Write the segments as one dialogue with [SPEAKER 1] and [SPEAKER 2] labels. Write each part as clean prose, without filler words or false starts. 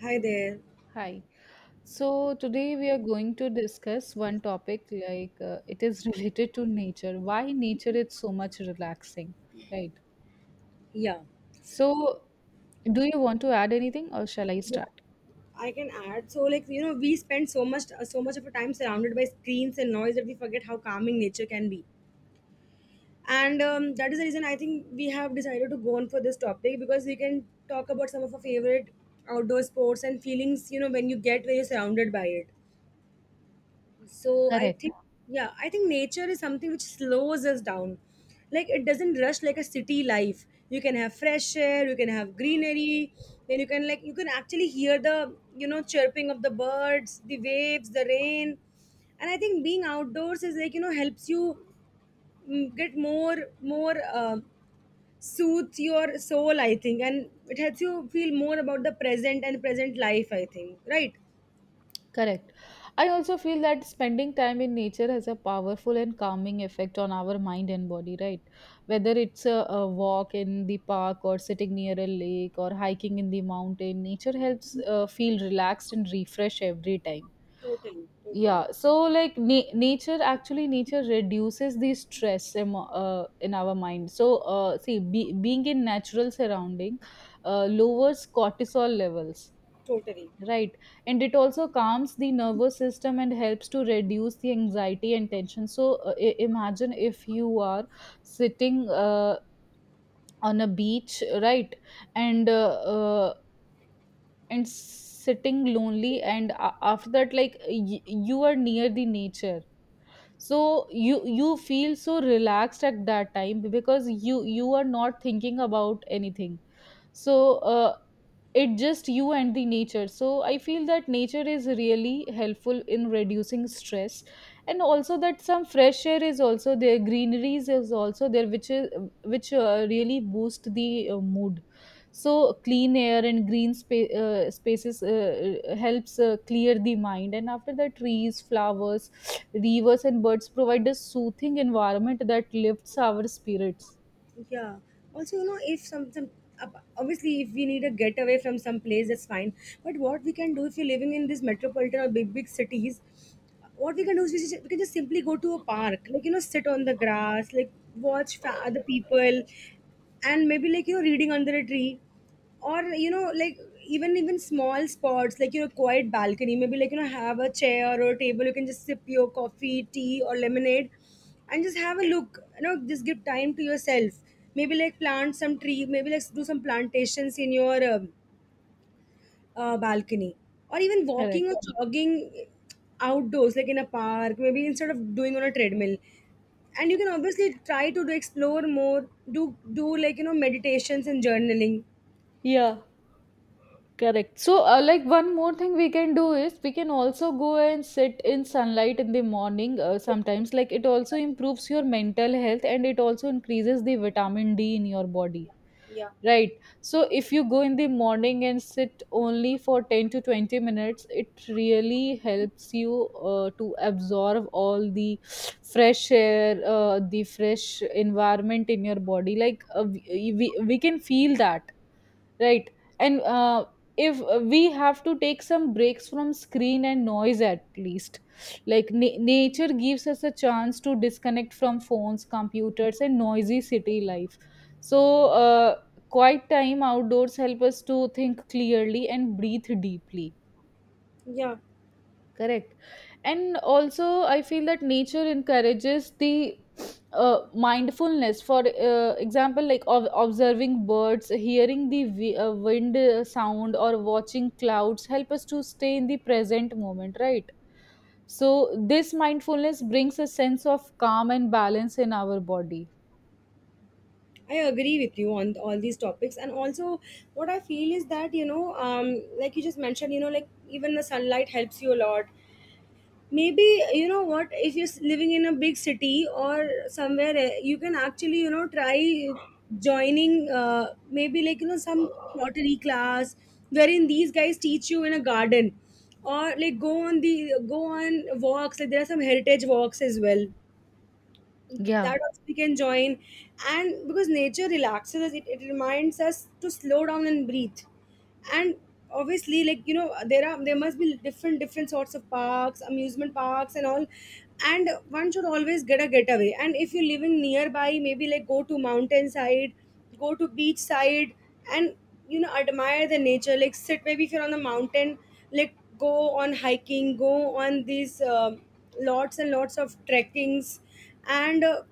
[SPEAKER 1] Hi there.
[SPEAKER 2] Hi. So today we are going to discuss one topic, like it is related to nature. Why nature is so much relaxing, right?
[SPEAKER 1] Yeah.
[SPEAKER 2] So do you want to add anything or shall I
[SPEAKER 1] Yeah.
[SPEAKER 2] start?
[SPEAKER 1] I can add. So, like you know, we spend so much of our time surrounded by screens and noise that we forget how calming nature can be. And That is the reason I think we have decided to go on for this topic because we can talk about some of our favorite outdoor sports and feelings. You know, when you get when you're surrounded by it. So I
[SPEAKER 2] Correct.
[SPEAKER 1] think Yeah, I think nature is something which slows us down. Like it doesn't rush like a city life. You can have fresh air, you can have greenery, then you can like you can actually hear the, you know, chirping of the birds, the waves, the rain. And I think being outdoors is, like you know, helps you get more more soothes your soul, I think, and it helps you feel more about the present and present life, I think, right?
[SPEAKER 2] Correct. I also feel that spending time in nature has a powerful and calming effect on our mind and body, right? Whether it's a walk in the park or sitting near a lake or hiking in the mountain, nature helps feel relaxed and refresh every time. Yeah, so like nature, actually, nature reduces the stress in our mind. So see, being in natural surrounding lowers cortisol levels,
[SPEAKER 1] Totally.
[SPEAKER 2] right. And it also calms the nervous system and helps to reduce the anxiety and tension. So imagine if you are sitting on a beach, right, and uh, uh, and sitting lonely, and after that, like you are near the nature, so you feel so relaxed at that time, because you are not thinking about anything. So it just you and the nature. So I feel that nature is really helpful in reducing stress. And also that some fresh air is also there, greeneries is also there, which is, which really boost the mood. So clean air and green spaces helps clear the mind, and after that, trees, flowers, rivers and birds provide a soothing environment that lifts our spirits.
[SPEAKER 1] Yeah. Also, you know, if some some ob- obviously if we need a getaway from some place, that's fine. But what we can do if you're living in these metropolitan or big cities, what we can do is we can just simply go to a park, like you know, sit on the grass, like watch other people, and maybe like you know, reading under a tree, or you know, like even small spots, like you know, quiet balcony, maybe like you know, have a chair or a table, you can just sip your coffee, tea or lemonade and just have a look, you know, just give time to yourself. Maybe like plant some tree, maybe like do some plantations in your balcony, or even walking
[SPEAKER 2] Correct.
[SPEAKER 1] or jogging outdoors, like in a park, maybe instead of doing on a treadmill. And you can obviously try to do explore more, do, like you know, meditations and journaling.
[SPEAKER 2] Yeah, correct. So like, one more thing we can do is we can also go and sit in sunlight in the morning. Uh, sometimes like, it also improves your mental health, and it also increases the vitamin D in your body,
[SPEAKER 1] Yeah.
[SPEAKER 2] right. So if you go in the morning and sit only for 10 to 20 minutes, it really helps you to absorb all the fresh air, the fresh environment in your body, like we can feel that, right. And if we have to take some breaks from screen and noise, at least, like nature gives us a chance to disconnect from phones, computers, and noisy city life. So quiet time outdoors help us to think clearly and breathe deeply.
[SPEAKER 1] Yeah,
[SPEAKER 2] Correct. And also, I feel that nature encourages the mindfulness. For example, like observing birds, hearing the wind sound, or watching clouds help us to stay in the present moment, right? So this mindfulness brings a sense of calm and balance in our body.
[SPEAKER 1] I agree with you on all these topics. And also what I feel is that, you know, like you just mentioned, you know, like even the sunlight helps you a lot. Maybe you know what, if you're living in a big city or somewhere, you can actually, you know, try joining maybe like you know some pottery class wherein these guys teach you in a garden, or like go on walks. Like there are some heritage walks as well
[SPEAKER 2] Yeah.
[SPEAKER 1] that also we can join. And because nature relaxes us, it reminds us to slow down and breathe. And obviously, like you know, there are, there must be different sorts of parks, amusement parks and all. And one should always get a getaway, and if you're living nearby, maybe like go to mountainside, go to beach side. And you know, admire the nature, like sit, maybe if you're on the mountain, like go on hiking, go on these lots and lots of trekkings. And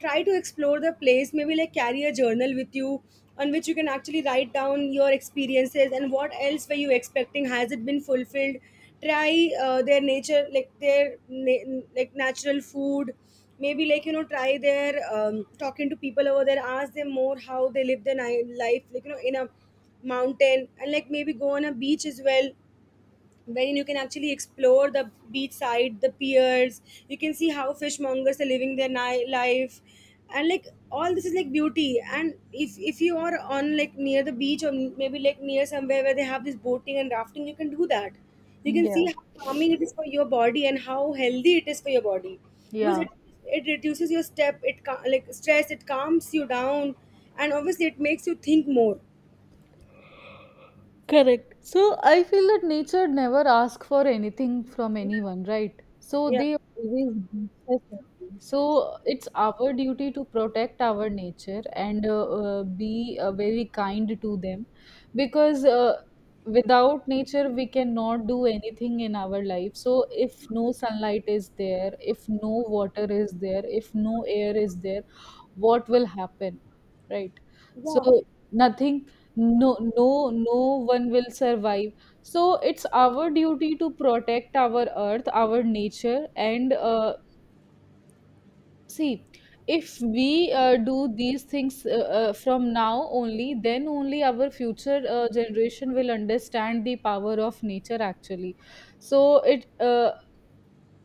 [SPEAKER 1] try to explore the place. Maybe like carry a journal with you on which you can actually write down your experiences and what else were you expecting, has it been fulfilled. Try their nature, like like natural food. Maybe like you know, try their talking to people over there, ask them more how they live their life, like you know, in a mountain. And like maybe go on a beach as well, wherein you can actually explore the beachside, the piers. You can see how fishmongers are living their life, and like all this is like beauty. And if you are on, like near the beach, or maybe like near somewhere where they have this boating and rafting, you can do that. You can see
[SPEAKER 2] Yeah.
[SPEAKER 1] how calming it is for your body and how healthy it is for your body, because
[SPEAKER 2] Yeah.
[SPEAKER 1] it reduces your step, it like stress, it calms you down, and obviously it makes you think more.
[SPEAKER 2] Correct. So I feel that nature never asks for anything from anyone, right? So
[SPEAKER 1] Yeah,
[SPEAKER 2] they always give us something. So it's our duty to protect our nature and be very kind to them, because without nature we cannot do anything in our life. So if no sunlight is there, if no water is there, if no air is there, what will happen, right? So
[SPEAKER 1] yeah,
[SPEAKER 2] nothing. No one will survive. So it's our duty to protect our earth, our nature, and see, if we do these things from now only, then only our future generation will understand the power of nature, actually. So it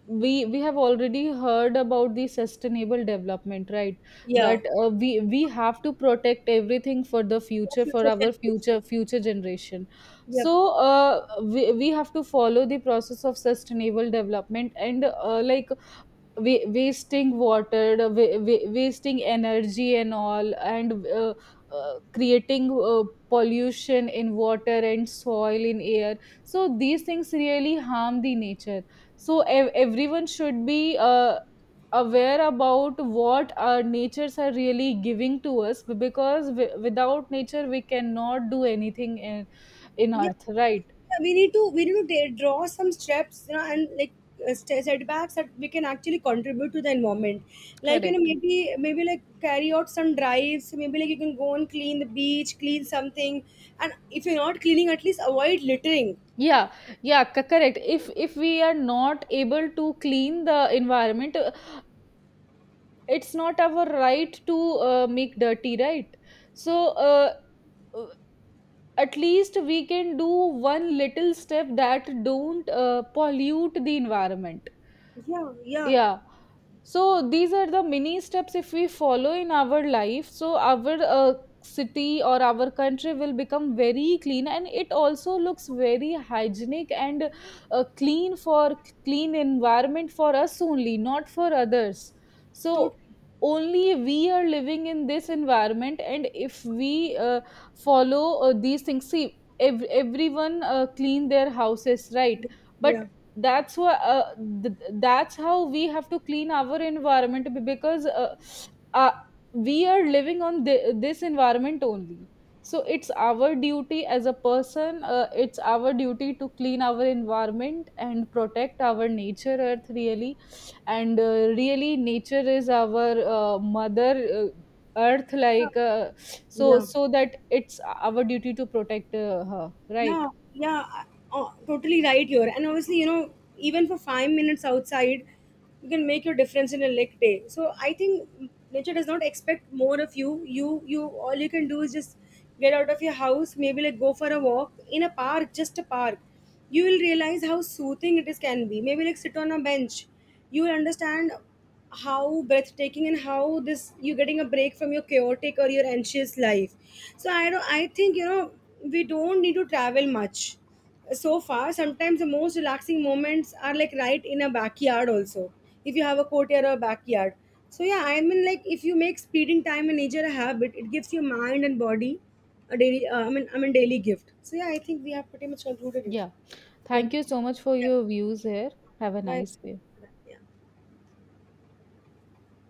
[SPEAKER 2] we have already heard about the sustainable development, right?
[SPEAKER 1] yeah.
[SPEAKER 2] That we have to protect everything for the
[SPEAKER 1] For
[SPEAKER 2] future, for
[SPEAKER 1] future
[SPEAKER 2] our future
[SPEAKER 1] generations.
[SPEAKER 2] future generation.
[SPEAKER 1] Yep.
[SPEAKER 2] So we have to follow the process of sustainable development, and like, wasting water, the wasting energy, and all. And creating pollution in water and soil, in air. So these things really harm the nature. So everyone should be aware about what our natures are really giving to us, because without nature we cannot do anything in
[SPEAKER 1] Yep.
[SPEAKER 2] earth, right?
[SPEAKER 1] Yeah, we need to draw some steps, you know, and like setbacks that we can actually contribute to the environment. Like you know,
[SPEAKER 2] Correct.
[SPEAKER 1] maybe like carry out some drives. Maybe like you can go and clean the beach, clean something, and if you're not cleaning, at least avoid littering.
[SPEAKER 2] Yeah, yeah, correct. If we are not able to clean the environment, it's not our right to make dirty, right? So uh, at least we can do one little step, that don't pollute the environment.
[SPEAKER 1] Yeah, yeah,
[SPEAKER 2] Yeah, so these are the mini steps, if we follow in our life, so our city or our country will become very clean, and it also looks very hygienic and uh, clean for clean environment for us only, not for others. So
[SPEAKER 1] totally.
[SPEAKER 2] only we are living in this environment, and if we follow these things, see, everyone clean their houses, right? But
[SPEAKER 1] Yeah,
[SPEAKER 2] that's what uh, that's how we have to clean our environment, because uh, we are living on this environment only. So it's our duty as a person, it's our duty to clean our environment and protect our nature, earth really. And really, nature is our mother earth, like uh, so
[SPEAKER 1] yeah.
[SPEAKER 2] so that it's our duty to protect her, right?
[SPEAKER 1] Yeah, yeah, totally right here. And obviously, you know, even for 5 minutes outside, you can make your difference in a leg day. So I think nature does not expect more of you. All you can do is just get out of your house, maybe like go for a walk in a park, just a park. You will realize how soothing it is can be. Maybe like sit on a bench. You will understand how breathtaking and how this you're getting a break from your chaotic or your anxious life. So I don't I think, you know, we don't need to travel much so far. Sometimes the most relaxing moments are like right in a backyard also, if you have a courtyard or a backyard. So yeah, I mean, like if you make spending time in nature a habit, it gives your mind and body a daily I mean daily gift. So yeah, I think we have pretty much concluded it.
[SPEAKER 2] Yeah.
[SPEAKER 1] Yeah.
[SPEAKER 2] Thank you so much for
[SPEAKER 1] Yeah.
[SPEAKER 2] your views here. Have a
[SPEAKER 1] Bye.
[SPEAKER 2] nice day.
[SPEAKER 1] Yeah.